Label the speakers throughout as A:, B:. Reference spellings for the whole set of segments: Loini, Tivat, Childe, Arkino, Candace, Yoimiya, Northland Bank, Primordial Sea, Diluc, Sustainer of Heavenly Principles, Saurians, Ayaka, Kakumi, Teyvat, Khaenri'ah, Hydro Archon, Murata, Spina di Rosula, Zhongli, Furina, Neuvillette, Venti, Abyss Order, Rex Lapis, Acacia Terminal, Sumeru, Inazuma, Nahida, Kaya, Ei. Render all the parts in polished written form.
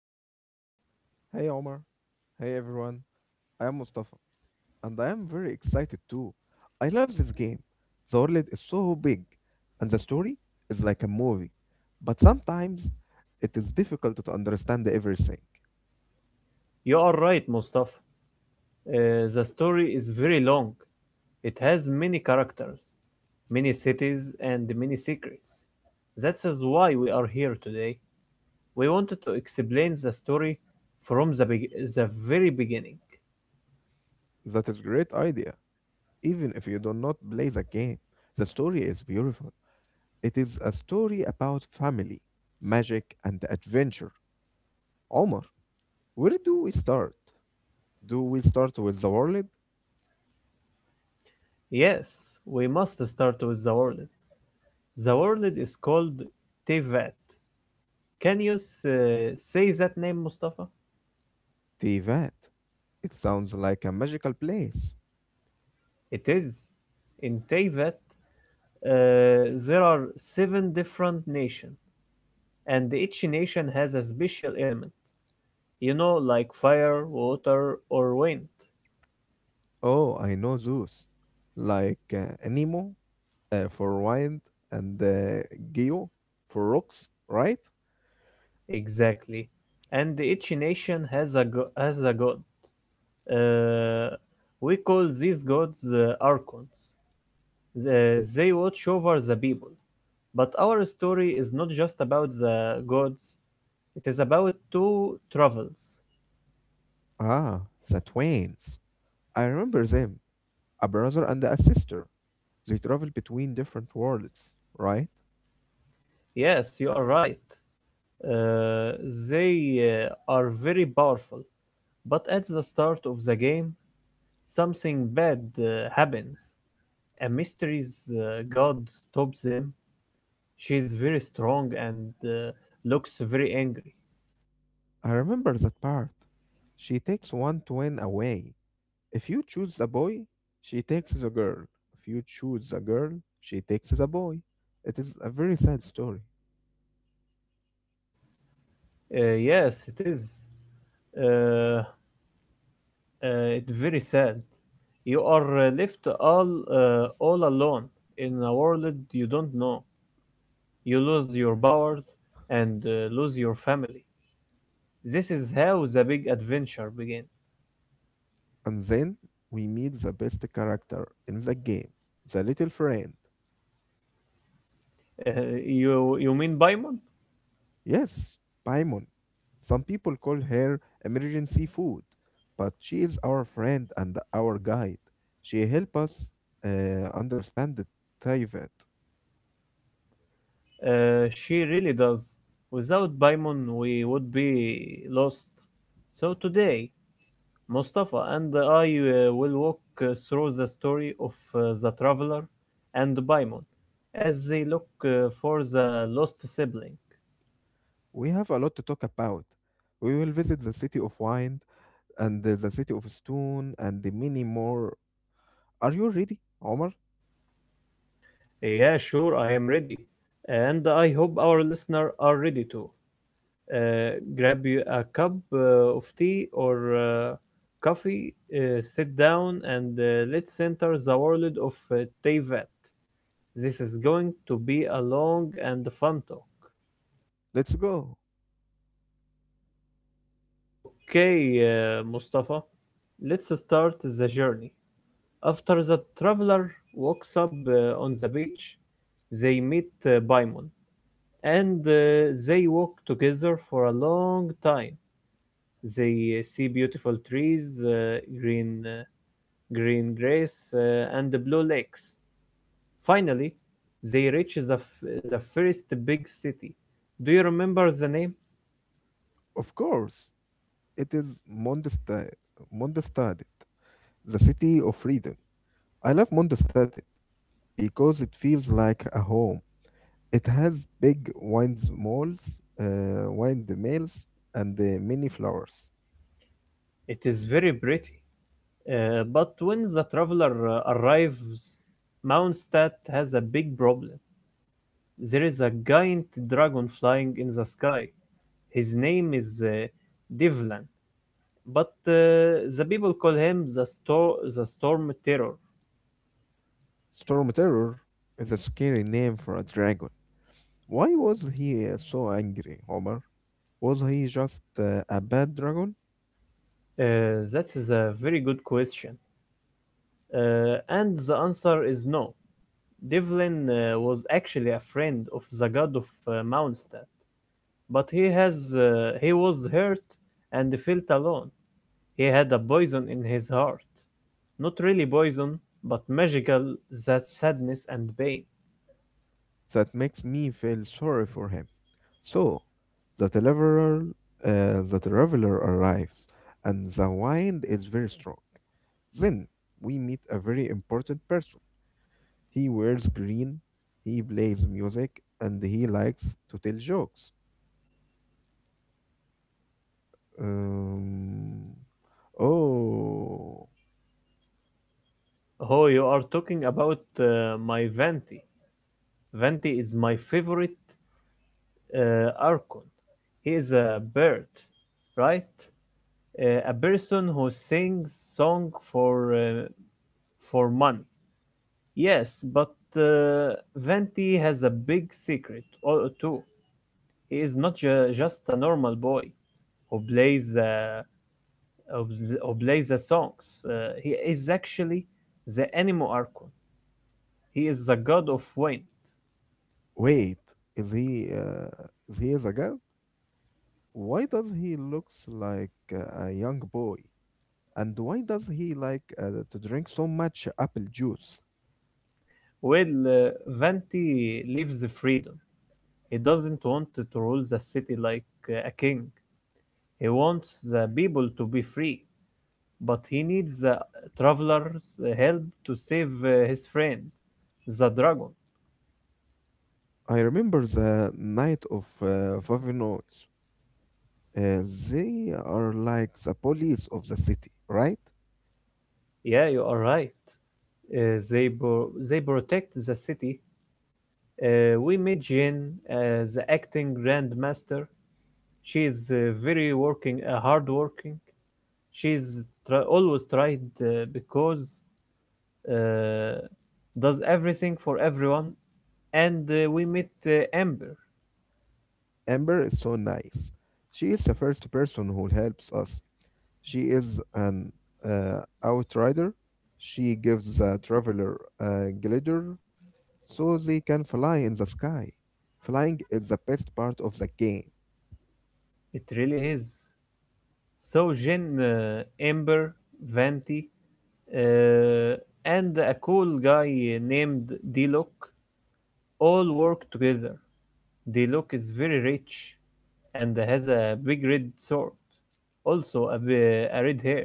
A: Impact.
B: Hey Omar. Hey everyone. I am Mustafa and I am very excited too. I love this game. The world is so big and the story is like a movie. But sometimes it is difficult to understand everything.
A: You are right, Mustafa. The story is very long. It has many characters, many cities, and many secrets. That is why we are here today. We wanted to explain the story from the very beginning.
B: That is great idea. Even if you do not play the game, the story is beautiful. It is a story about family, magic and adventure. Omar, where do we start? Do we start with the world?
A: Yes, we must start with the world. The world is called Teyvat. Can you say that name, Mustafa?
B: Tivat. It sounds like a magical place.
A: It is. In Teyvat, there are seven different nations, and each nation has a special element. You know, like fire, water, or wind.
B: Oh, I know those. Like Nemo for wind and Geo for rocks, right?
A: Exactly. And each nation has a god. Uh, we call these gods archons. They watch over the people. But our story is not just about the gods. It is about two travels.
B: Ah, the twins. I remember them, a brother and a sister. They travel between different worlds, right?
A: Yes, you are right. Uh, they are very powerful, but at the start of the game, something bad happens. A mystery's god stops them. She is very strong and looks very angry.
B: I remember that part. She takes one twin away. If you choose the boy, she takes the girl. If you choose the girl, she takes the boy. It is a very sad story.
A: Yes, it is. Uh, uh, it's very sad. You are left all alone in a world you don't know. You lose your powers and lose your family. This is how the big adventure begins.
B: And then we meet the best character in the game, the little friend.
A: Uh, you mean Paimon?
B: Yes, Paimon. Some people call her emergency food, but she is our friend and our guide. She helps us understand the Teyvat.
A: She really does. Without Paimon, we would be lost. So today, Mustafa and I will walk through the story of the traveler and Paimon as they look for the lost sibling.
B: We have a lot to talk about. We will visit the city of Wind and the city of Stone and the many more. Are you ready, Omar?
A: Yeah, sure, I am ready. And I hope our listener are ready too. uh, Grab you a cup of tea or coffee, sit down, and let's enter the world of Teyvat. This is going to be a long and fun talk.
B: Let's go.
A: Okay, Mustafa, let's start the journey. After the traveler walks up on the beach, they meet Baimon and they walk together for a long time. They see beautiful trees, Green Grace, and the Blue Lakes. Finally, they reach the first big city. Do you remember the name?
B: Of course. It is Mondstadt. Mondstadt. The City of Freedom. I love Mondstadt because it feels like a home. It has big wines malls, windmills, and many flowers.
A: It is very pretty. But when the traveler arrives, Mountstadt has a big problem. There is a giant dragon flying in the sky. His name is Divlan, but the people call him the Storm Terror.
B: Storm Terror is a scary name for a dragon. Why was he so angry, Homer? Was he just a bad dragon?
A: That is a very good question. And the answer is no. Devlin was actually a friend of the god of Mondstadt, but he was hurt and felt alone. He had a poison in his heart, not really poison, but magical, that sadness and pain.
B: That makes me feel sorry for him. So the deliverer, the traveler arrives, and the wind is very strong. Then we meet a very important person. He wears green, he plays music, and he likes to tell jokes. Um, oh,
A: Oh, you are talking about my Venti. Venti is my favorite Archon. He is a bird, right? A person who sings song for money. Yes, but Venti has a big secret too. He is not just a normal boy who plays who plays the songs. He is actually the animo archon. He is the god of wind.
B: wait, is he is he a god? Why does he looks like a young boy? And why does he like to drink so much apple juice?
A: Well, Venti lives freedom. He doesn't want to rule the city like a king. He wants the people to be free, but he needs the traveler's help to save his friend, the dragon.
B: I remember the night of Vavenois. Uh, they are like the police of the city, right?
A: Yeah, you are right. They protect the city. We meet Jin, the acting Grand Master. She is hard working. She's always tried because uh, does everything for everyone, and we meet Amber.
B: Amber is so nice. She is the first person who helps us. She is an outrider. She gives the traveler a glider so they can fly in the sky. Flying is the best part of the game.
A: It really is. So Jin, Amber, Vanti, uh, and a cool guy named Dilok all work together. Dilok is very rich and has a big red sword, also a red hair.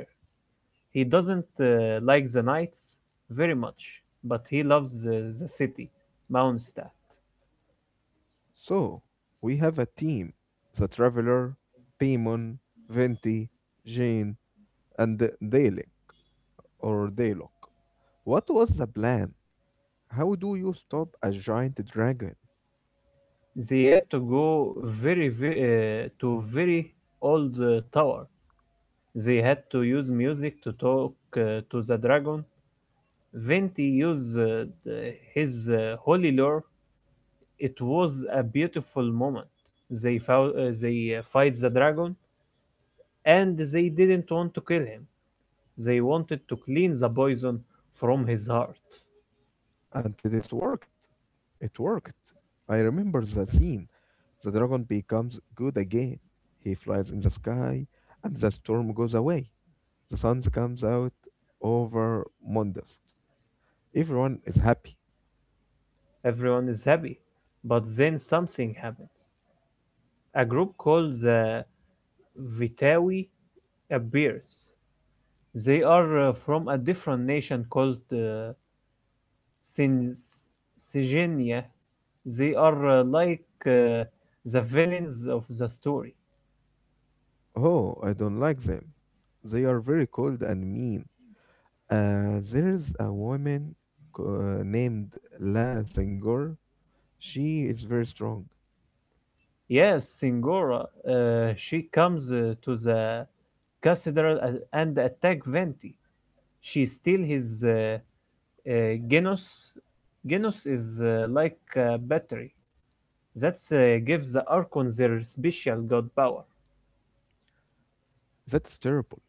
A: He doesn't like the knights very much, but he loves the city, Mondstadt.
B: So, we have a team the Traveler, Paimon, Venti, Jane, and Dalek or Dalok. What was the plan? How do you stop a giant dragon?
A: They had to go very old tower. They had to use music to talk to the dragon. Venti used his holy lore. It was a beautiful moment. They fight the dragon, and they didn't want to kill him. They wanted to clean the poison from his heart.
B: Until it worked. It worked. I remember the scene. The dragon becomes good again. He flies in the sky, and the storm goes away. The sun comes out over Mondust. Everyone is happy.
A: Everyone is happy, but then something happens. A group called the Vitawi appears. They are from a different nation called Sin- Sigenia. They are like uh, the villains of the story.
B: Oh, I don't like them. They are very cold and mean. There is a woman named La Senghor. She is very strong.
A: Yes, Singora. She comes to the cathedral and attack Venti. She steals his uh, Genos. Genos is like a battery. That gives the Archon their special god power.
B: That's terrible.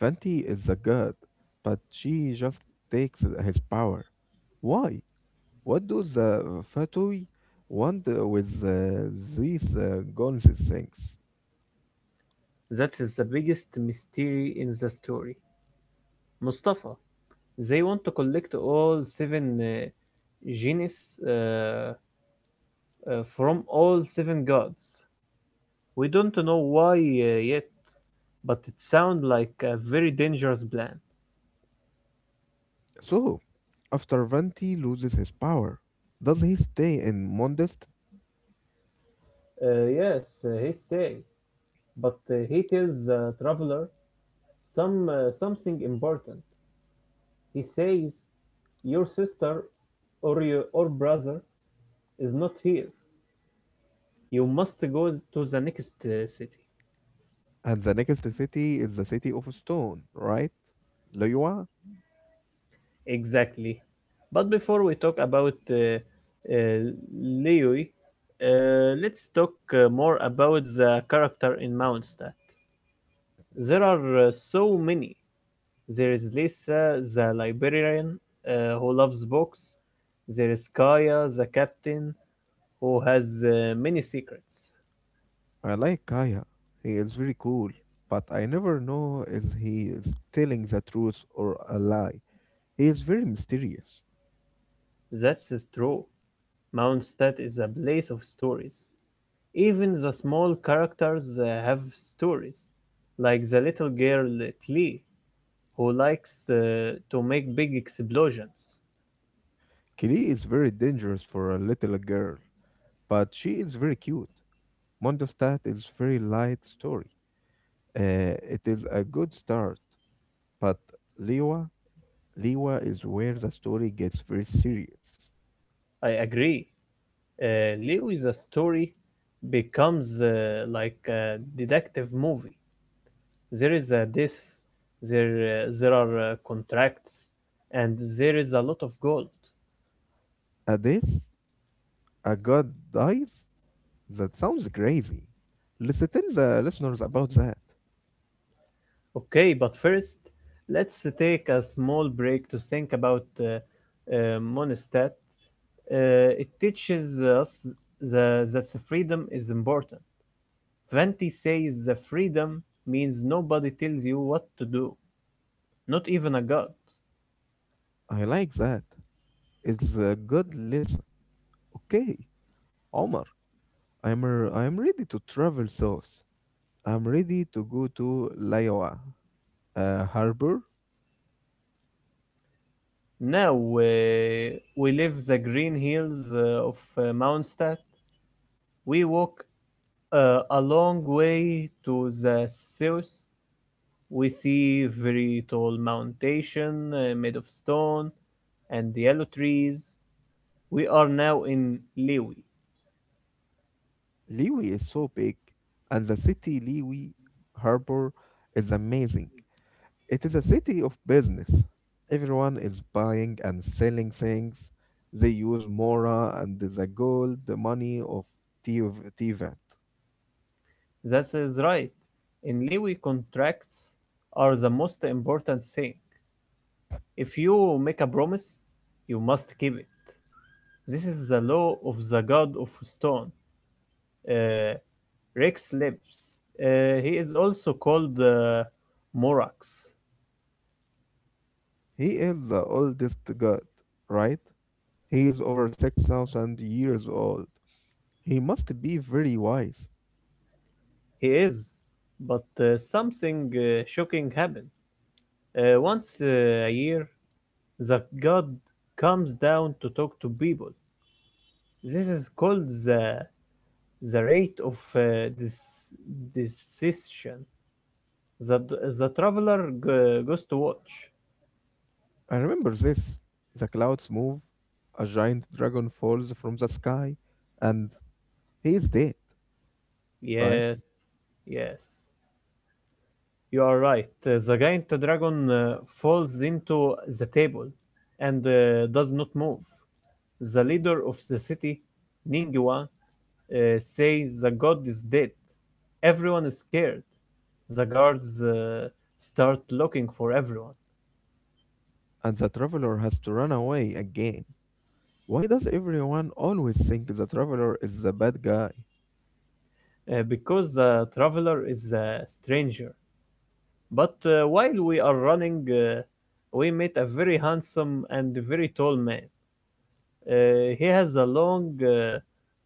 B: Fenty is a god, but she just takes his power. Why? What do the Fatui want with these guns things?
A: That is the biggest mystery in the story. Mustafa, they want to collect all seven genies uh, from all seven gods. We don't know why yet, but it sounds like a very dangerous plan.
B: So, after Venti loses his power, does he stay in Mondest?
A: Yes, he stay, but he tells traveler something important. He says, "Your sister or your or brother is not here. You must go to the next city."
B: And the next city is the city of stone, right? Liyue?
A: Exactly. But before we talk about uh, Leoi, let's talk more about the character in Mount Star. There are so many. There is Lisa, the librarian, who loves books. There is Kaya, the captain, who has many secrets.
B: I like Kaya. He is very cool, but I never know if he is telling the truth or a lie. He is very mysterious.
A: That's is true. Mountstadt is a place of stories. Even the small characters have stories, like the little girl Clee, who likes to make big explosions.
B: Kili is very dangerous for a little girl, but she is very cute. Mondostat is very light story. It is a good start, but Liwa, Liwa is where the story gets very serious.
A: I agree. Leo is a story becomes like a detective movie. there is a this there are contracts, and there is a lot of gold.
B: A death, a god dies. That sounds crazy. Listen, tell the listeners about that.
A: Okay, but first, let's take a small break to think about monistat. uh, it teaches us that the freedom is important. Venti says the freedom means nobody tells you what to do, not even a god.
B: I like that. It's a good lesson. Okay, Omar, I am ready to travel south. I'm ready to go to Liwa harbor.
A: Now we leave the green hills of Mondstadt. We walk a long way to the south, we see very tall mountain made of stone and yellow trees. We are now in Lewi.
B: Liwi is so big, and the city Liwi harbor is amazing. It is a city of business. Everyone is buying and selling things. They use Mora and the gold money of Tivat.
A: That is right. In Lewi, contracts are the most important thing. If you make a promise, you must keep it. This is the law of the god of stone, uh, Rex Lips. He is also called Morax.
B: He is the oldest god, right? He is over 6,000 years old. He must be very wise.
A: He is, but something shocking happened. Once a year, the god comes down to talk to people. This is called the rate of this decision. The the traveler goes to watch.
B: I remember this. The clouds move, a giant dragon falls from the sky, and he is dead, right?
A: Yes, yes, you are right. The giant dragon falls into the table, and does not move. The leader of the city, Ningguan, say the god is dead. Everyone is scared. The guards start looking for everyone
B: And the traveler has to run away again. Why does everyone always think the traveler is the bad guy?
A: because the traveler is a stranger. But while we are running, we meet a very handsome and very tall man. He has a long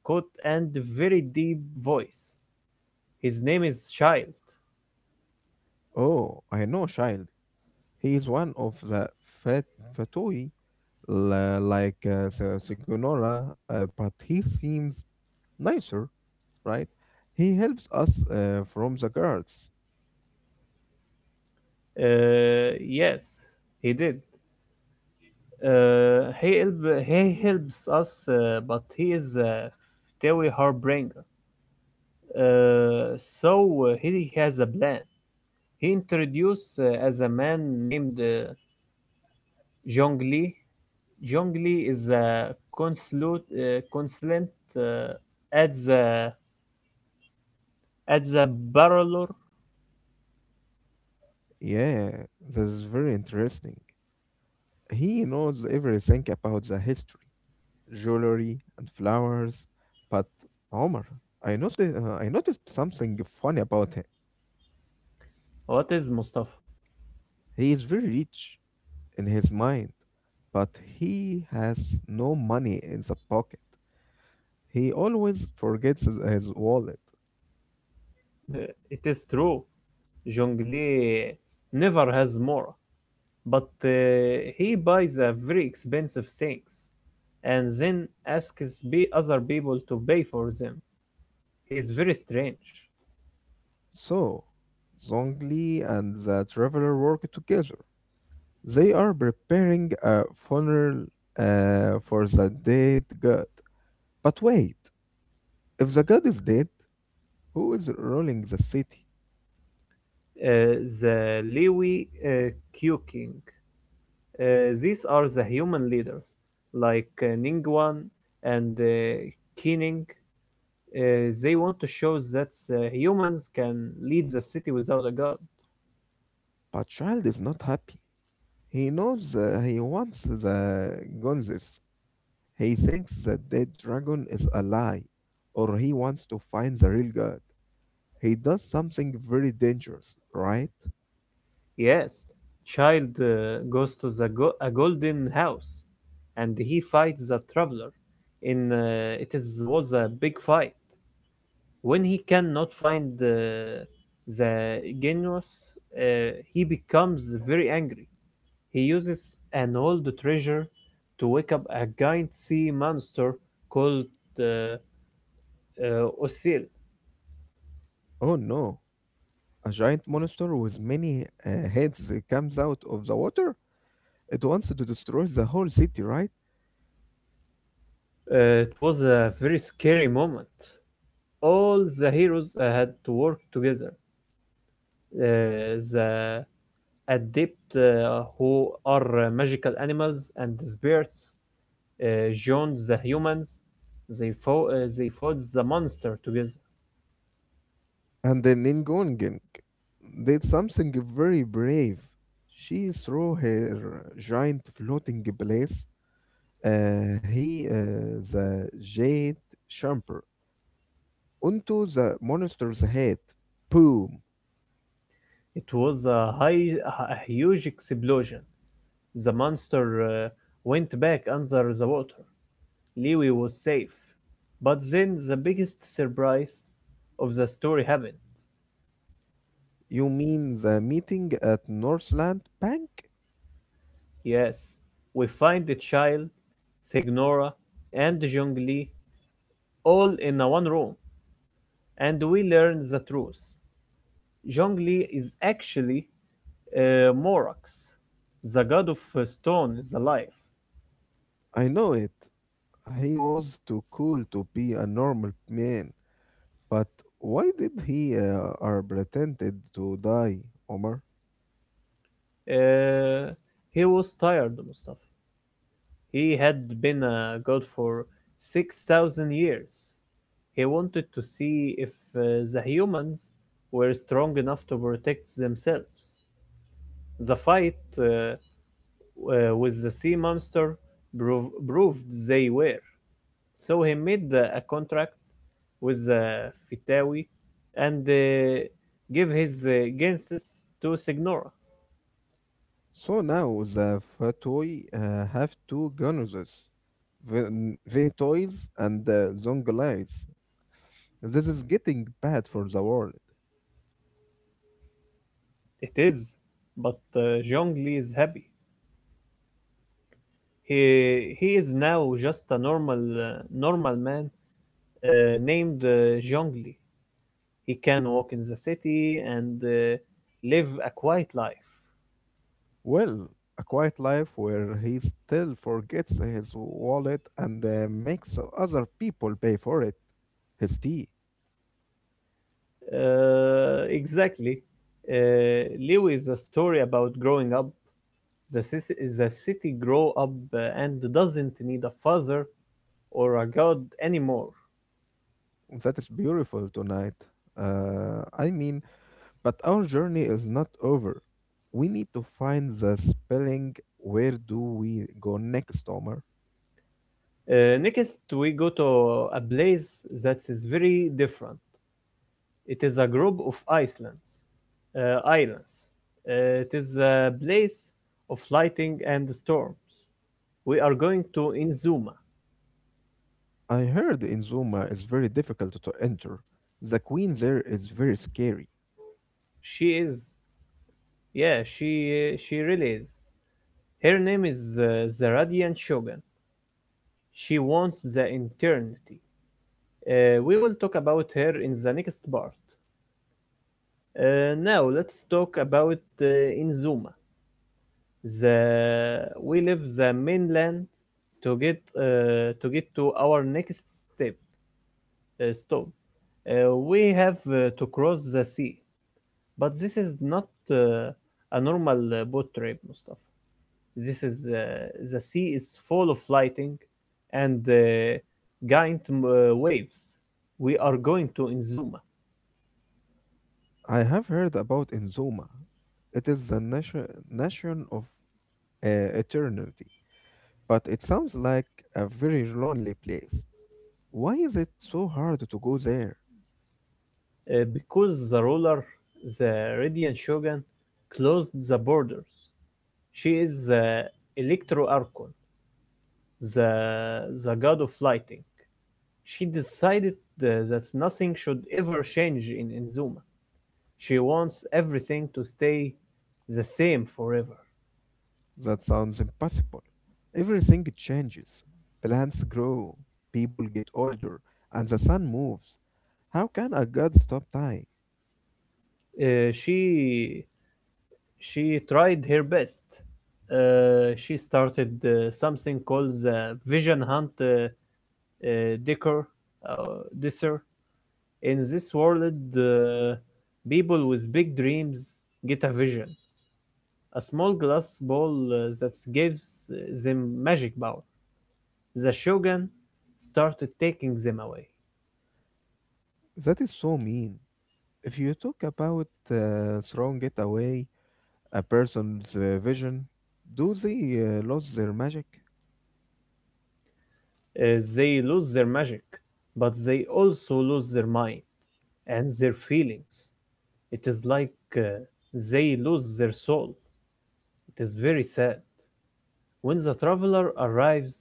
A: coat and very deep voice. His name is Child.
B: Oh, I know, child. He is one of the fat fatui, like the Sigonora, but he seems nicer, right? He helps us from the guards.
A: Yes, he did. Uh, he help, he helps us, but he is a fairy harbinger. Uh, so he has a plan. He introduced as a man named Zhongli Li. Is a consultant uh, at the Barolor.
B: Yeah, this is very interesting. He knows everything about the history, jewelry, and flowers. But Omar, I noticed something funny about him.
A: What is Mustafa?
B: He is very rich in his mind, but he has no money in the pocket. He always forgets his wallet.
A: It is true. Zhongli never has more. But he buys a very expensive things and then asks be other people to pay for them. He is very strange.
B: So, Zhongli and the traveler work together. They are preparing a funeral for the dead god. But wait, if the god is dead, who is ruling the city.
A: The Liwi Q King. These are the human leaders, like Ningguan and Qining. They want to show that humans can lead the city without a god.
B: But Child is not happy. He knows he wants the Gonzes. He thinks the dead dragon is a lie, or he wants to find the real god. He does something very dangerous, right?
A: Yes, Child goes to a golden house, and he fights the traveler. In it is was a big fight. When he cannot find the genius, he becomes very angry. He uses an old treasure to wake up a giant sea monster called uh, Osil.
B: Oh no! A giant monster with many heads comes out of the water. It wants to destroy the whole city, right?
A: It was a very scary moment. All the heroes had to work together, the adept who are magical animals and spirits uh, joined the humans. They fought the monster together.
B: And then Ningongen did something very brave. She threw her giant floating place the jade chamber, onto the monster's head. Boom.
A: It was a huge explosion. The monster went back under the water. Lewy was safe. But then the biggest surprise of the story happened.
B: You mean the meeting at Northland Bank?
A: Yes, we find the child, Signora, and Zhongli all in a one room, and we learn the truth. Zhongli is actually Morax, the god of stone, the life.
B: I know it. He was too cool to be a normal man. But why did he are pretended to die, Omar?
A: Uh, he was tired, Mustafa. He had been a god for 6,000 years. He wanted to see if uh, the humans were strong enough to protect themselves. The fight with the sea monster proved they were. So he made a contract with the Fitawi and give his Genesis to Signora.
B: So now the Fatoi have two gunners, Ventoys and Zonglites. This is getting bad for the world.
A: It is, but Zhongli is happy. He is now just a normal man named Zhongli. He can walk in the city and live a quiet life.
B: Well, a quiet life where he still forgets his wallet and makes other people pay for it. His tea.
A: Exactly. Liu is a story about growing up. The, cis- the city grow up and doesn't need a father or a god anymore.
B: That is beautiful tonight. Uh, I mean, but our journey is not over. We need to find the spelling. Where do we go next, Omar?
A: Next, we go to a place that is very different. It is a group of islands. Islands. It is a place of lightning and storms. We are going to Inzuma.
B: I heard in is very difficult to enter. The queen there is very scary.
A: She is, yeah, she really is. Her name is the Radiant Shogun. She wants the eternity. We will talk about her in the next part. Now let's talk about Inzuma. The we leave the mainland to get to our next step stop. We have to cross the sea, but this is not uh, a normal boat trip, Mustafa. This is The sea is full of lighting and giant waves. We are going to Inzuma
B: I have heard about Inzuma. It is nation of uh, eternity, but it sounds like a very lonely place. Why is it so hard to go there?
A: because the ruler, the Radiant Shogun, closed the borders. She is the Electro Archon, the god of lighting. She decided that nothing should ever change in Inzuma. She wants everything to stay the same forever.
B: That sounds impossible. Everything changes. Plants grow, people get older, and the sun moves. How can a god stop time?
A: Uh, she she tried her best. She started something called the Vision Hunt Dicker uh, Disser. In this world, uh, people with big dreams get a vision. A small glass ball that gives them magic power. The Shogun started taking them away.
B: That is so mean. If you talk about throwing it away, a person's vision, do they lose their magic?
A: They lose their magic, but they also lose their mind and their feelings. It is like uh, they lose their soul. It is very sad. When the traveler arrives,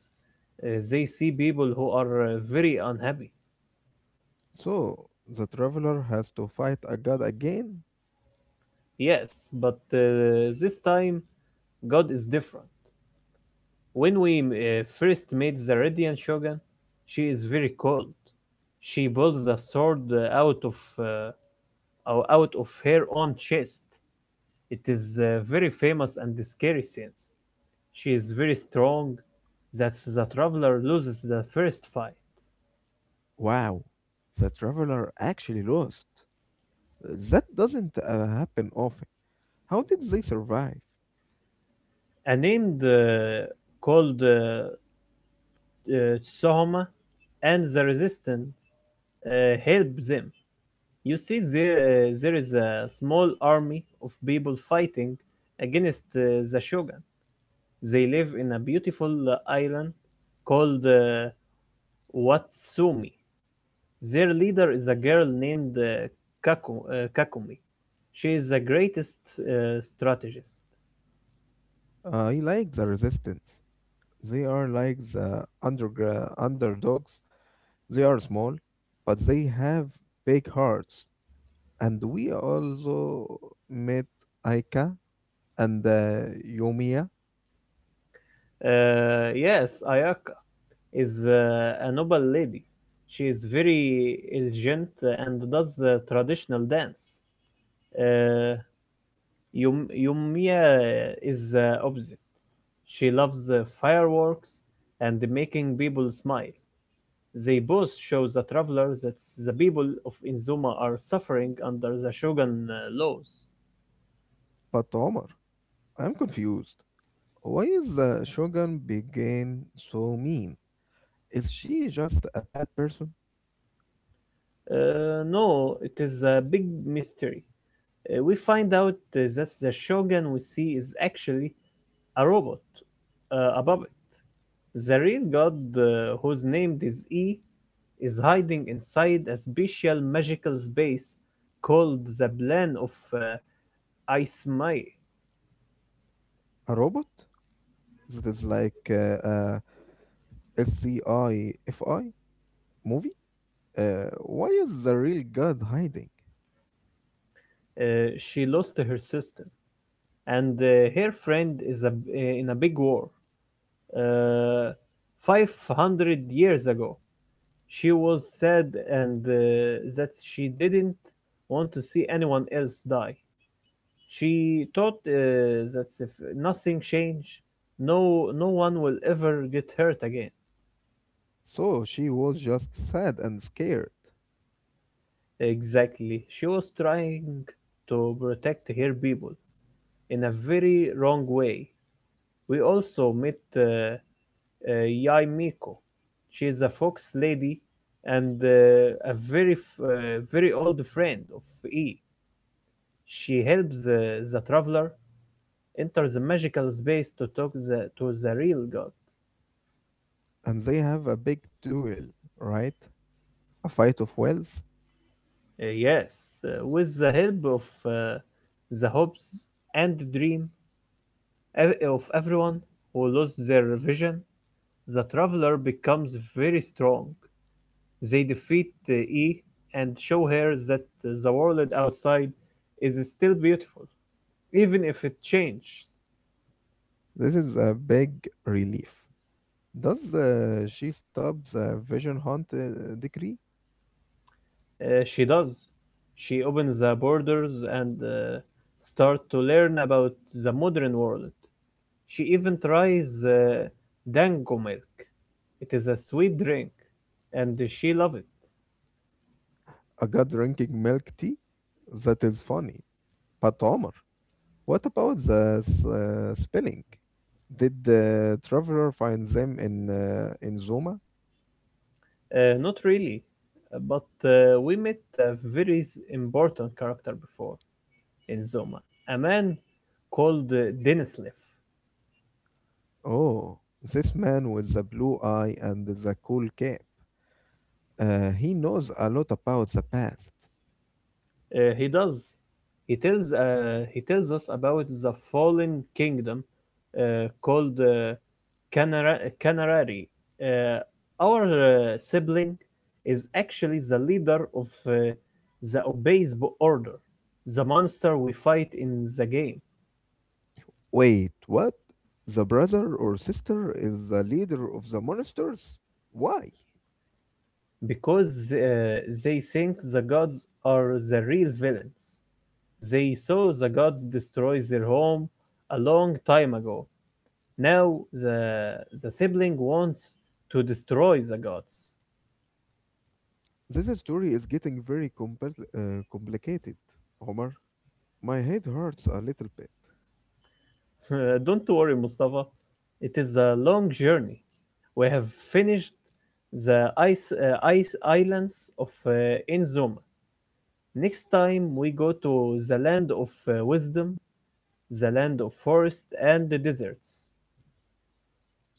A: they see people who are very unhappy.
B: So the traveler has to fight a god again?
A: Yes, but this time God is different. When we first meet the Radiant Shogun, she is very cold. She pulls a sword out of her own chest. It is a very famous and scary scene. She is very strong. That the traveler loses the first fight.
B: Wow, the traveler actually lost. That doesn't happen often. How did they survive?
A: A named called uh, Sohoma and the resistance help them. You see, there is a small army of people fighting against the shogun. They live in a beautiful island called Watsumi. Their leader is a girl named Kakumi. She is the greatest strategist.
B: I like the resistance. They are like the underdogs. They are small, but they have big hearts. And we also met Aika and Yomiya,
A: Yes, Ayaka is a noble lady. She is very elegant and does the traditional dance. Uh, Yumiya is the opposite. She loves fireworks and making people smile. They both show the traveler that the people of Inzuma are suffering under the shogun laws.
B: but Omar. I'm confused. Why is the Shogun Begin so mean? Is she just a bad person?
A: No, it is a big mystery. We find out that the shogun we see is actually a robot, a puppet. The real god, whose name is E, is hiding inside a special magical space called the Plane of Ismay.
B: A robot? That is like uh, sci-fi movie. Why is the real god hiding?
A: Uh, she lost her sister, and her friend in a big war. Uh, 500 years ago, she was sad and that she didn't want to see anyone else die. She thought that if nothing changed, no one will ever get hurt again.
B: So she was just sad and scared.
A: Exactly. She was trying to protect her people in a very wrong way. We also met Yaimiko. She is a fox lady and a very very old friend of E. She helps the traveler enter the magical space to to the real god.
B: And they have a big duel, right? A fight of wills.
A: Yes, with the help of uh, the hopes and dream of everyone who lost their vision, the Traveler becomes very strong; they defeat E and show her that the world outside is still beautiful, even if it changes.
B: This is a big relief. Does she stop the vision hunt decree?
A: She does. She opens the borders and start to learn about the modern world. She even tries dango milk. It is a sweet drink, and she loves it.
B: A god drinking milk tea? That is funny. But Omar, what about the spelling? Did the traveler find them in Zoma?
A: Not really, but we met a very important character before. In Zoma, a man called Denislev.
B: Oh, this man with the blue eye and the cool cap. He knows a lot about the past.
A: He does. He tells us about the fallen kingdom called Canarari. Uh, our sibling is actually the leader of the Obeisbo Order, the monster we fight in the game,
B: Wait, what? The brother or sister is the leader of the monsters? Why?
A: because they think the gods are the real villains. They saw the gods destroy their home a long time ago. Now the sibling wants to destroy the gods.
B: This story is getting very complicated, Omar. My head hurts a little bit.
A: Don't worry, Mustafa. It is a long journey. We have finished the ice islands of Inzuma. Next time we go to the land of wisdom, the land of forest and the deserts.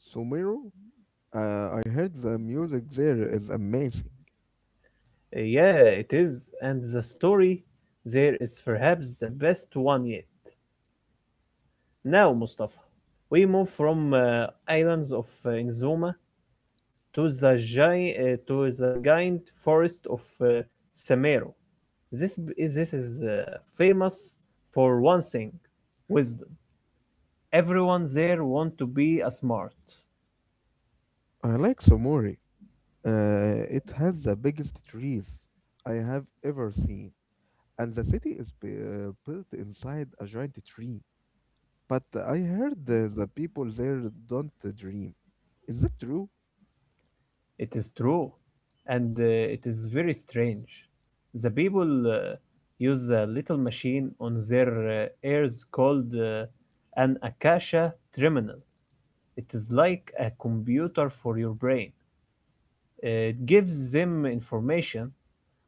B: Sumiro, I heard the music there is amazing.
A: Yeah, it is, and the story there is perhaps the best one yet. Now, Mustafa, we move from islands of Inzuma to the giant forest of Semero. This is famous for one thing, wisdom. Everyone there want to be a smart.
B: I like Somori. It has the biggest trees I have ever seen, and the city is built inside a giant tree. But I heard the people there don't dream. Is that true?
A: It is true, and it is very strange. The people use a little machine on their ears called an acacia terminal. It is like a computer for your brain. It gives them information,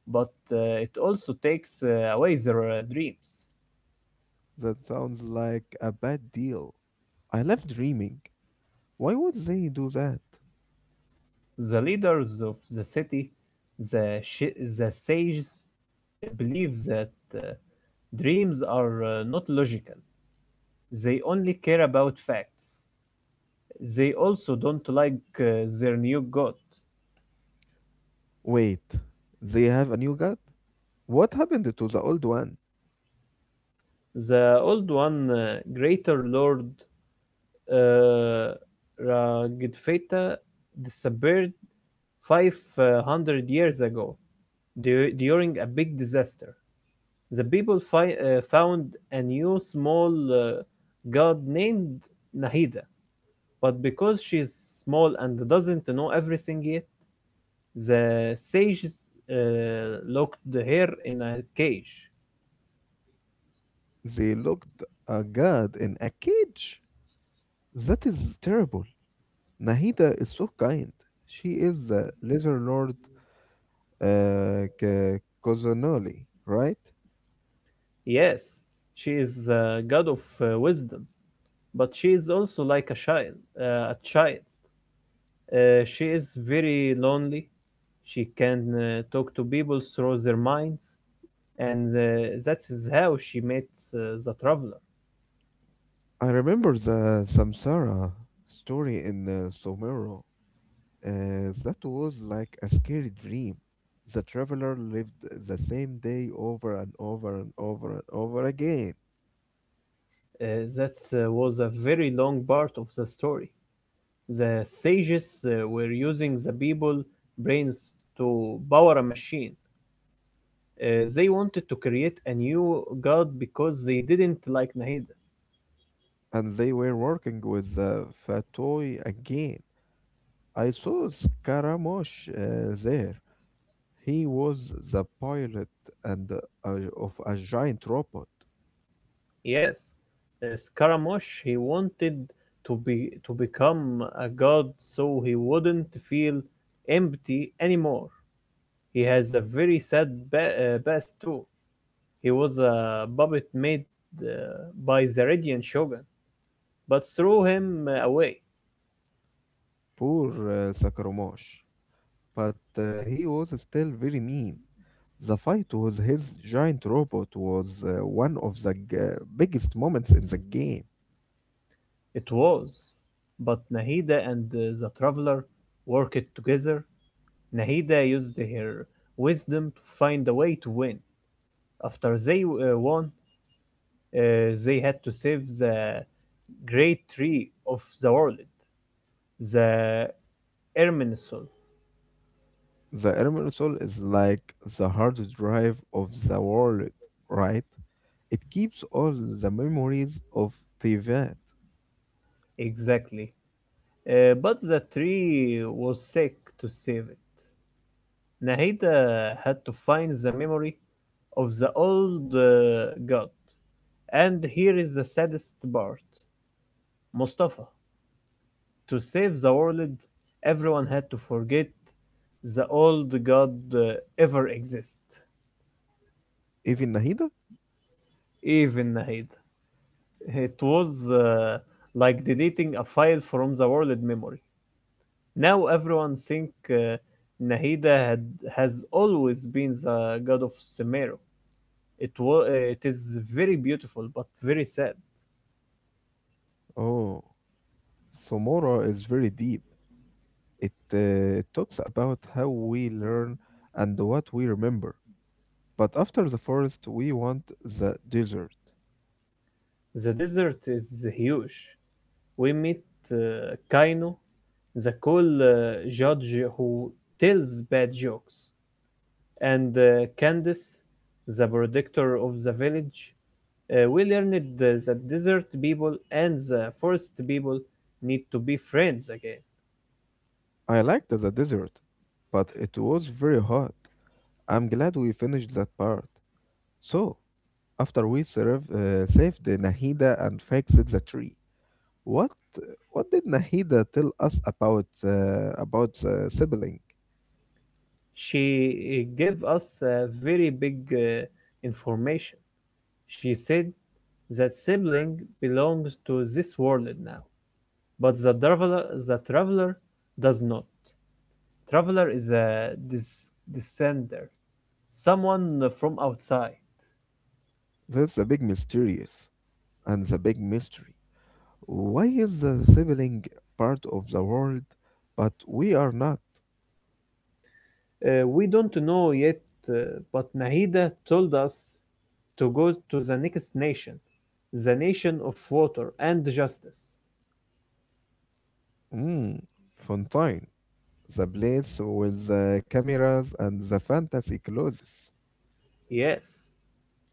A: but it also takes away their dreams.
B: That sounds like a bad deal. I love dreaming. Why would they do that?
A: The leaders of the city, the, shi the sages, believe that dreams are not logical. They only care about facts. They also don't like their new god.
B: Wait, they have a new god? What happened to the old one?
A: The old one, Greater Lord, uh, Ragdfeta disappeared 500 years ago during a big disaster. The people found a new small god named Nahida, but because she's small and doesn't know everything yet, the sages uh, locked her in a cage.
B: They locked a god in a cage. That is terrible. Nahida is so kind. She is the Leather Lord Kozanoli, right?
A: Yes, she is a god of wisdom, but she is also like a child, a child. She is very lonely. She can talk to people through their minds, and that is how she met the traveler.
B: I remember the Samsara story in Somero. That was like a scary dream. The traveler lived the same day over and over and over and over again.
A: Uh, that was a very long part of the story. The sages were using the people brains to power a machine. They wanted to create a new god because they didn't like Nahida.
B: And they were working with the Fatoi again. I saw Scaramouche there. He was the pilot and of a giant robot.
A: Yes, Scaramouche. He wanted to become a god so he wouldn't feel empty anymore. He has a very sad past too. He was a puppet made uh, by the Radiant Shogun, but threw him away.
B: Poor Scaramouche. But he was still very mean. The fight with his giant robot was one of the biggest moments in the game.
A: It was. But Nahida and the Traveler worked together. Nahida used her wisdom to find a way to win. After they won, uh, they had to save the great tree of the world, the Erminsul.
B: The Immortal is like the hard drive of the world, right? It keeps all the memories of Tevat.
A: Exactly. But the tree was sick to save it. Nahida had to find the memory of the old god. And here is the saddest part, Mustafa. To save the world, everyone had to forget the old god ever exist,
B: Even Nahida?
A: even Nahida. It was like deleting a file from the world memory. Now everyone think Nahida has always been the god of Sumeru. It is very beautiful but very sad.
B: Oh, Somora is very deep. It talks about how we learn and what we remember. But after the forest, we want the desert.
A: The desert is huge. We meet uh, Kaino, the cool judge who tells bad jokes, and Candace, the protector of the village. We learned that desert people and the forest people need to be friends again.
B: I liked the desert, but it was very hot. I'm glad we finished that part. So, after we saved Nahida and fixed the tree, what what did Nahida tell us about the sibling?
A: She gave us very big information. She said that sibling belongs to this world now, but the traveler does not. Traveler is a descender, someone from outside.
B: That's the big mysterious and the big mystery. Why is the sibling part of the world, but we are not?
A: We don't know yet, uh, but Nahida told us to go to the next nation, the nation of water and justice.
B: Mm, Fontaine, the place with the cameras and the fantasy clothes.
A: Yes,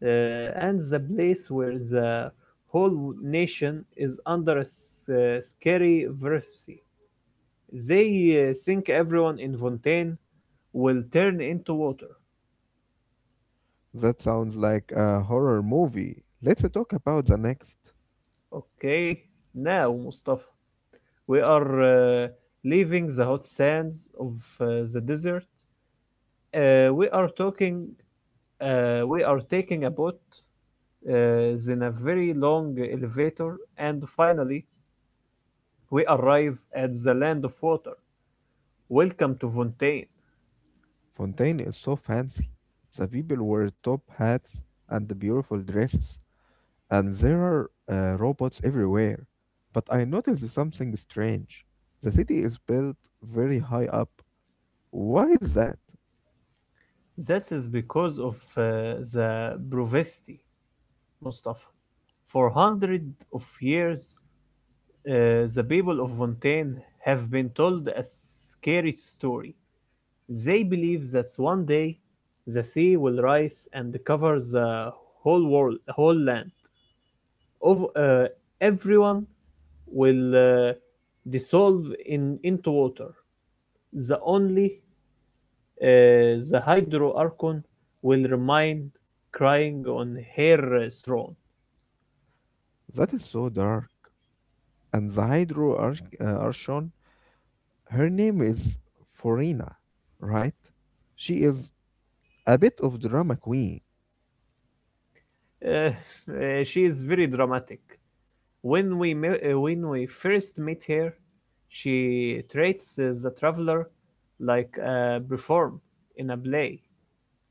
A: and the place where the whole nation is under a scary verse. They think everyone in Fontaine will turn into water.
B: That sounds like a horror movie. Let's talk about the next.
A: Okay, now, Mustafa, we are leaving the hot sands of uh, the desert. We are talking. We are taking a boat then a very long elevator, and finally we arrive at the land of water. Welcome to Fontaine.
B: Fontaine is so fancy. The people wear top hats and beautiful dresses. And there are robots everywhere. But I noticed something strange. The city is built very high up. Why is that?
A: That is because of the brevity, Mustafa. For hundreds of years, the people of Fontaine have been told a scary story. They believe that one day the sea will rise and cover the whole land. Of Everyone will dissolve in into water. The only the hydroarchon will remain crying on her throne.
B: That is so dark. And the Archon, her name is Forina, right? She is a bit of drama queen.
A: Uh, she is very dramatic. When we when we first meet her, she treats the traveler like a perform in a play.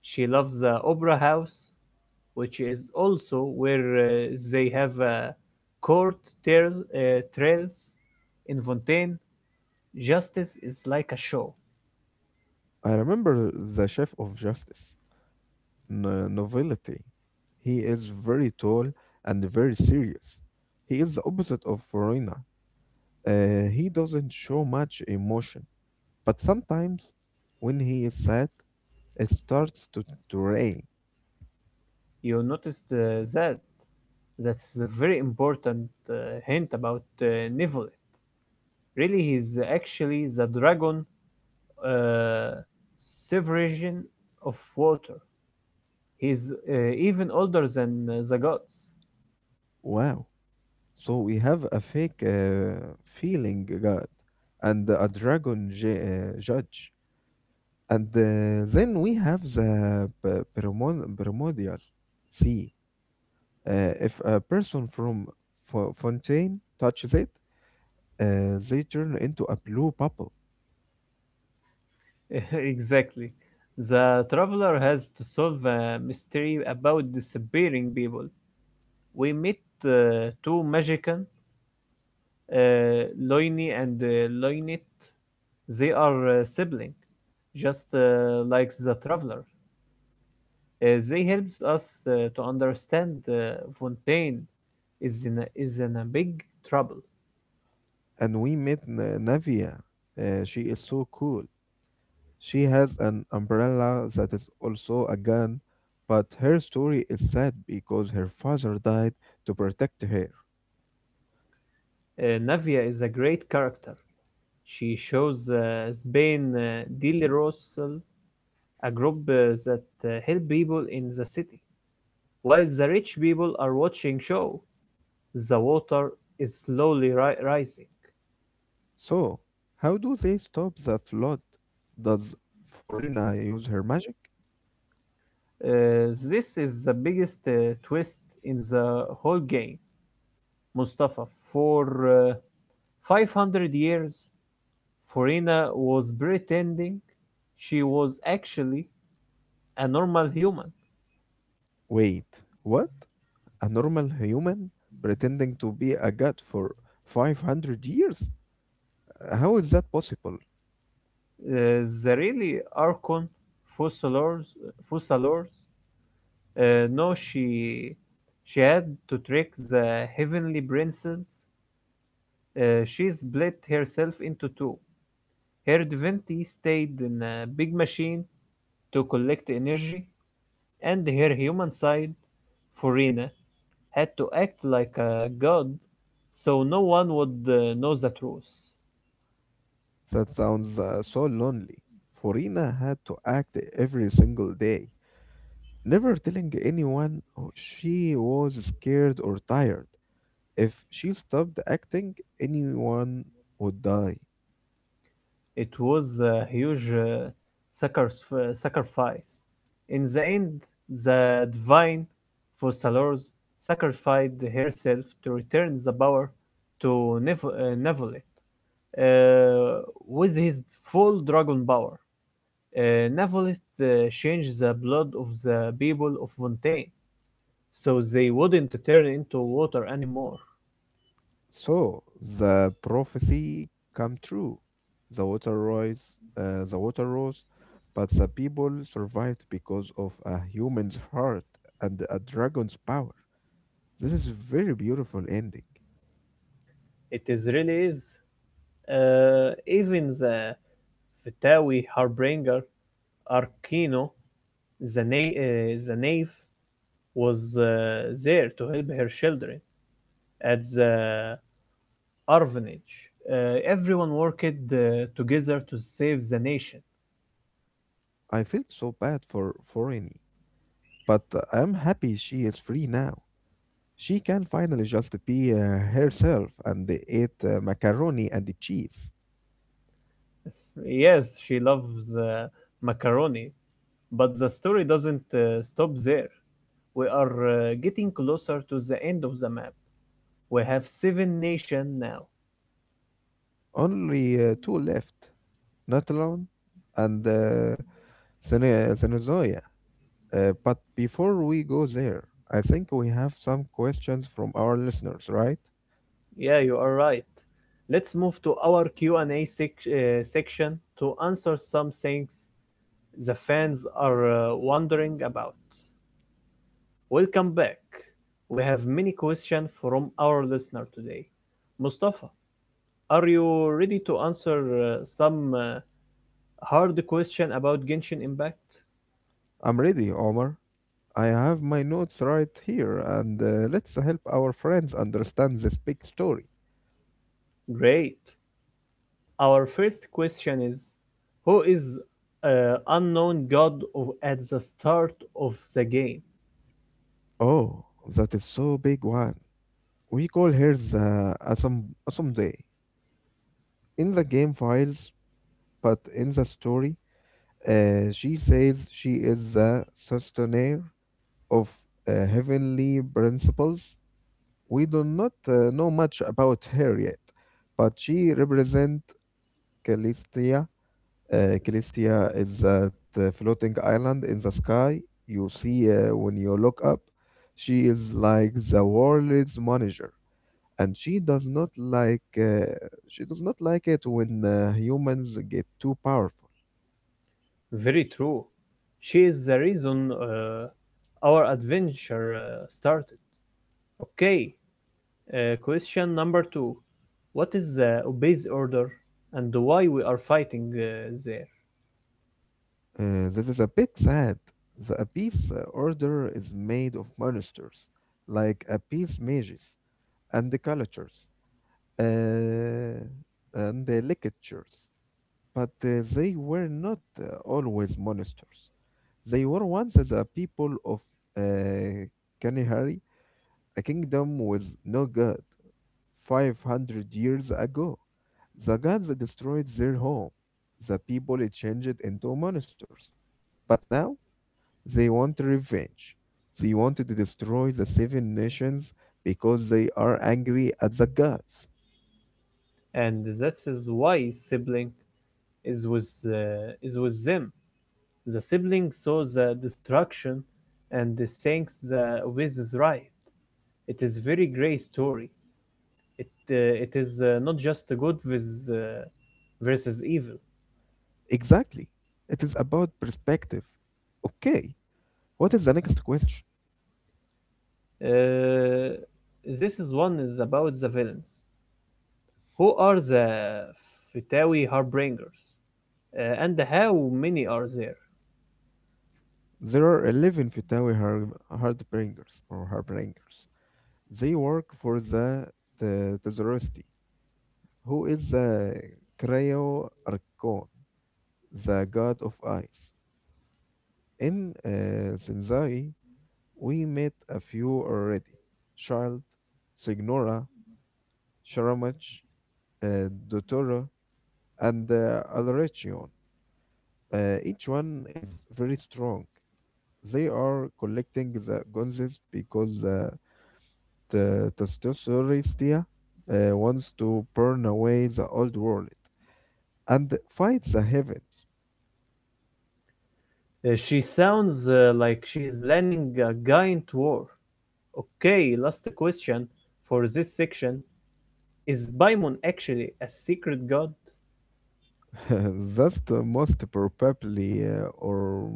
A: She loves the opera house, which is also where they have a court trails in Fontaine. Justice is like a show.
B: I remember the chef of justice, Novelty. He is very tall and very serious. He is the opposite of Verona. He doesn't show much emotion. But sometimes, when he is sad, it starts to rain.
A: You noticed that. That's a very important hint about Nivoli. Really, he's actually the dragon uh, sovereign of water. He's even older than the gods.
B: Wow. So we have a fake feeling god and a dragon judge. And then we have the primordial sea. If a person from Fontaine touches it, they turn into a blue bubble.
A: Exactly. The traveler has to solve a mystery about disappearing people. We meet two magicians, uh, Loini and Loinit. They are siblings, just like the traveler. They helps us to understand Fontaine is in a big trouble.
B: And we met Navia. She is so cool. She has an umbrella that is also a gun, but her story is sad because her father died to protect her.
A: Navia is a great character. She shows Spain Dilly Russell, a group that help people in the city. While the rich people are watching show, the water is slowly rising.
B: So, how do they stop the flood? Does Forina use her magic?
A: This is the biggest twist in the whole game. Mustafa, for uh, 500 years, Farina was pretending she was actually a normal human.
B: Wait, what? A normal human pretending to be a god for 500 years? How is that possible?
A: The really Archon Fussalors, Fussalors, know she had to trick the heavenly princess. She split herself into two. Her divinity stayed in a big machine to collect energy, and her human side, Furina, had to act like a god so no one would know the truth.
B: That sounds so lonely. Forina had to act every single day, never telling anyone she was scared or tired. If she stopped acting, anyone would die.
A: It was a huge sacrifice. In the end, the divine Fossalors sacrificed herself to return the power to Nevolet uh, with his full dragon power. Uh, Nevolet changed the blood of the people of Fontaine so they wouldn't turn into water anymore.
B: So the prophecy come true. The water rose, the water rose, but the people survived because of a human's heart and a dragon's power. This is very beautiful ending.
A: It is really is. Even the Fetawi Harbinger Arkino the knave was there to help her children at the orphanage. Everyone worked together to save the nation.
B: I felt so bad for Annie, but I'm happy she is free now. She can finally just be herself and eat macaroni and cheese.
A: Yes, she loves macaroni, but the story doesn't stop there. We are getting closer to the end of the map. We have seven nation now.
B: Only two left, not alone, and uh, Senezoia. But before we go there, I think we have some questions from our listeners, right?
A: Yeah, you are right. Let's move to our Q&A section to answer some things the fans are wondering about. Welcome back. We have many questions from our listener today. Mustafa, are you ready to answer some hard question about Genshin Impact?
B: I'm ready, Omar. I have my notes right here, and let's help our friends understand this big story.
A: Great. Our first question is who is unknown god at the start of the game?
B: Oh, that is so big one. We call her the Asomde. In the game files, but in the story, she says she is the sustainer of heavenly principles. We do not know much about her yet, but she represents Calistia. Calistia is that floating island in the sky you see when you look up. She is like the world's manager and she does not like it when humans get too powerful.
A: Very true. She is the reason our adventure started. Okay, question number two. What is the Obey's order and why we are fighting there?
B: This is a bit sad. The Abyss Order is made of monsters, like Abyss mages and the cultures uh, and the lictors. But they were not always monsters. They were once the people of uh, Kanihari, a kingdom with no god. 500 years ago. The gods destroyed their home. The people changed into monsters. But now they want revenge. They wanted to destroy the seven nations because they are angry at the gods.
A: And that is why sibling is with them. The sibling saw the destruction and thinks the Obey's is right. It is very grey story. It is not just good uh, versus evil.
B: Exactly. It is about perspective. Okay, what is the next question?
A: Uh, this is one is about the villains. Who are the Fitawi Harbingers? And how many are there?
B: There are 11 Heartbringers or Heartbringers. They work for the Tzoroasti, who is the Cryo Archon, the god of ice. In Senzai, we met a few already. Child, Signora, Sharamach, Dotoro, and Alrechion. Each one is very strong. They are collecting the gonzes because the Testosteristia wants to burn away the old world and fight the heavens.
A: She sounds like she is planning a giant war. Okay, last question for this section. Is Paimon actually a secret god?
B: That's the most probably or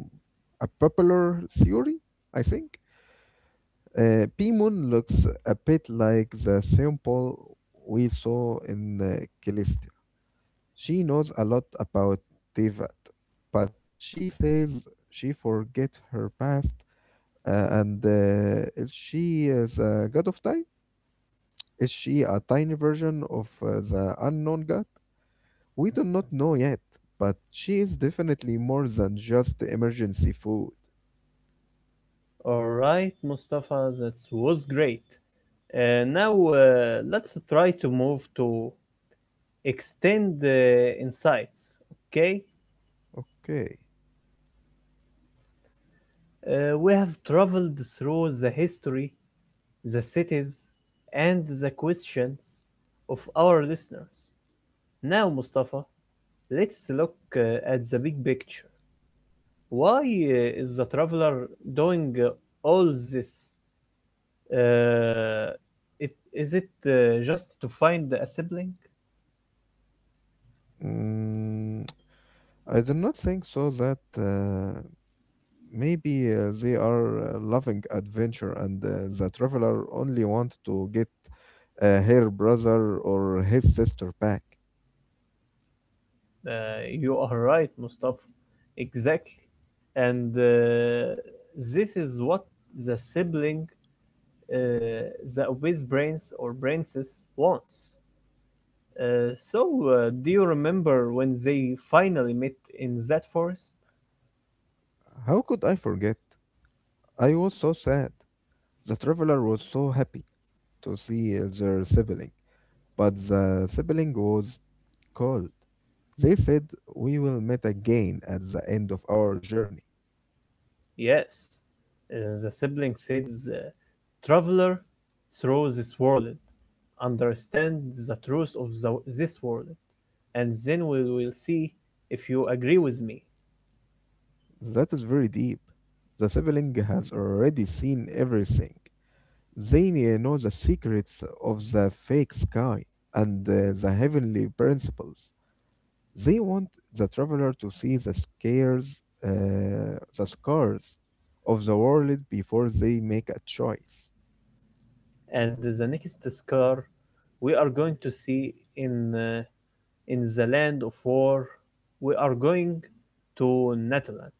B: a popular theory, I think. P-Moon looks a bit like the sample we saw in Callisto. She knows a lot about Devat, but she says she forgets her past. And Is she the god of time? Is she a tiny version of the unknown god? We do not know yet, but she is definitely more than just emergency food.
A: Alright, Mustafa, that was great. Now let's try to move to extend the insights. Okay,
B: Okay.
A: We have traveled through the history, the cities, and the questions of our listeners. Now, Mustafa, let's look at the big picture. Why is the traveler doing all this? Uh, is it just to find a sibling?
B: Mm, I do not think so that maybe they are loving adventure and the traveler only want to get her brother or his sister back.
A: Uh, you are right, Mustafa. Exactly. And this is what the uh, the obese brains or brainses, wants. So, do you remember when they finally met in that forest?
B: How could I forget? I was so sad. The traveler was so happy to see their sibling, but the sibling was cold. They said, we will meet again at the end of our journey.
A: Yes, uh, the sibling says, Traveler through this world, understand the truth of this world, and then we will see if you agree with me.
B: That is very deep. The sibling has already seen everything. They know the secrets of the fake sky and the heavenly principles. They want the traveler to see the scars of the world before they make a choice.
A: And the next scar we are going to see in the land of war, we are going to Natalan.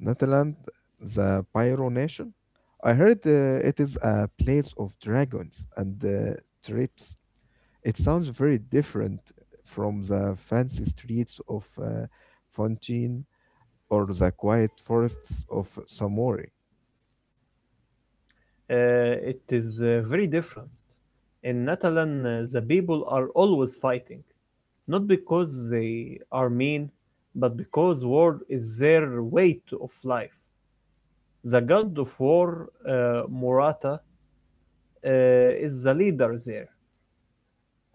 B: Netherlands, the Pyro Nation. I heard it is a place of dragons and trips. It sounds very different from the fancy streets of Fontaine or the quiet forests of Samori.
A: It is very different. In Natalan, the people are always fighting. Not because they are mean, but because war is their of life. The god of war, Murata, uh, is the leader there.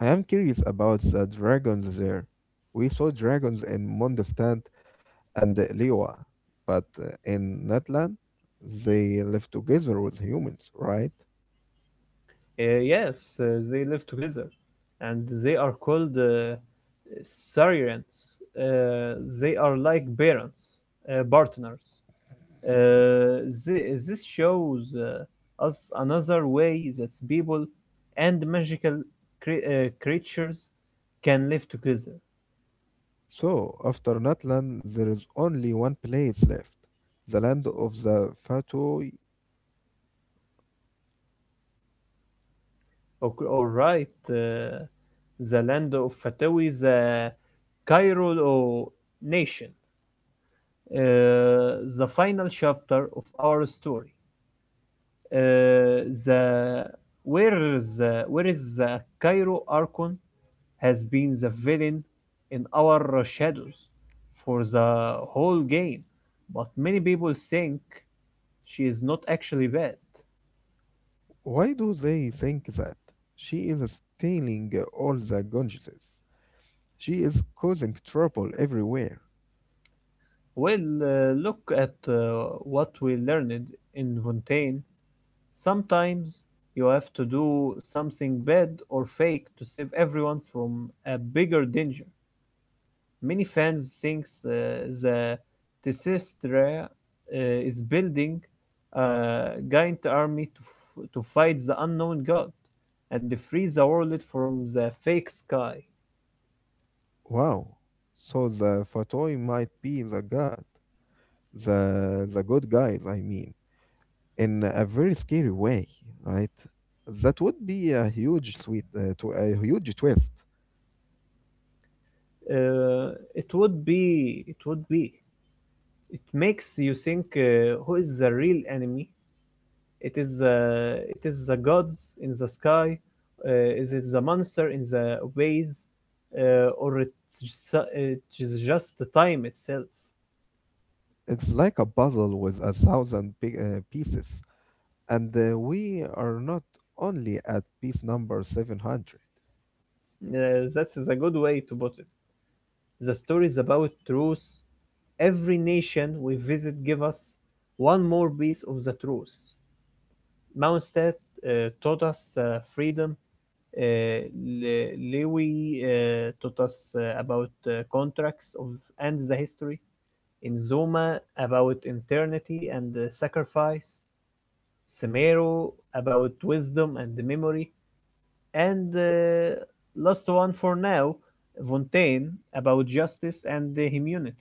B: I am curious about the dragons there. We saw dragons in Mondstadt and Liyue, but in Netland, they live together with humans, right?
A: Yes, they live together, and they are called Saurians. They are like partners. Uh, this shows us another way that people and magical creatures can live together.
B: So, after Natlan, there is only one place left, the land of the Fatui.
A: All right, the land of Fatawi, the Cairo nation. Uh, the final chapter of our story. Uh, the where is the Cairo Archon has been the villain in our shadows for the whole game, but many people think she is not actually bad.
B: Why do they think that? She is stealing all the Ganges. She is causing trouble everywhere.
A: Well, look at what we learned in Fontaine. Sometimes you have to do something bad or fake to save everyone from a bigger danger. Many fans think the Tesseract is building a giant army to fight the unknown god and free the world from the fake sky.
B: Wow. So the Fatoi might be the god, the good guys, I mean, in a very scary way, right? That would be a huge a huge twist.
A: Uh, it would be, it makes you think who is the real enemy. It is the gods in the sky. Uh, is it the monster in the ways, or it's just the time itself?
B: It's like a puzzle with a thousand big, pieces, and we are not only at piece number 700.
A: That's is a good way to put it. The stories about truth. Every nation we visit give us one more piece of the truth. Mondstadt taught us freedom. Uh, Lewy taught us about contracts of and the history. In Zoma about eternity and sacrifice. Semero about wisdom and memory. And last one for now, Fontaine about justice and the immunity.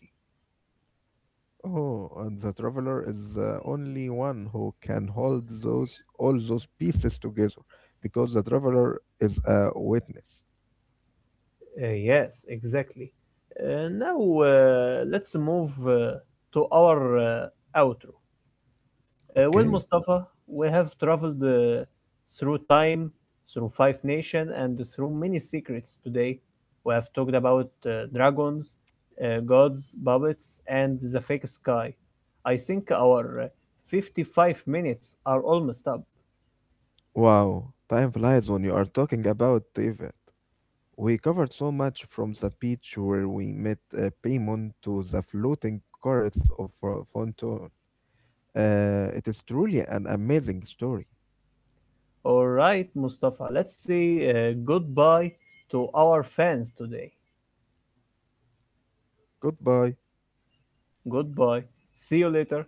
B: Oh, and the traveler is the only one who can hold those all those pieces together, because the traveler is a witness.
A: Yes, exactly. Now let's move to our outro. Well,
B: Okay.
A: Mustafa, we have traveled through time, through five nations, and through many secrets today. We have talked about dragons, gods, puppets, and the fake sky. I think our 55 minutes are almost up.
B: Wow. Time flies when you are talking about Tibet. We covered so much from the beach where we met Pimon to the floating carts of Fonton. It is truly an amazing story.
A: All right, Mustafa, let's say goodbye to our fans today.
B: Goodbye.
A: Goodbye. See you later.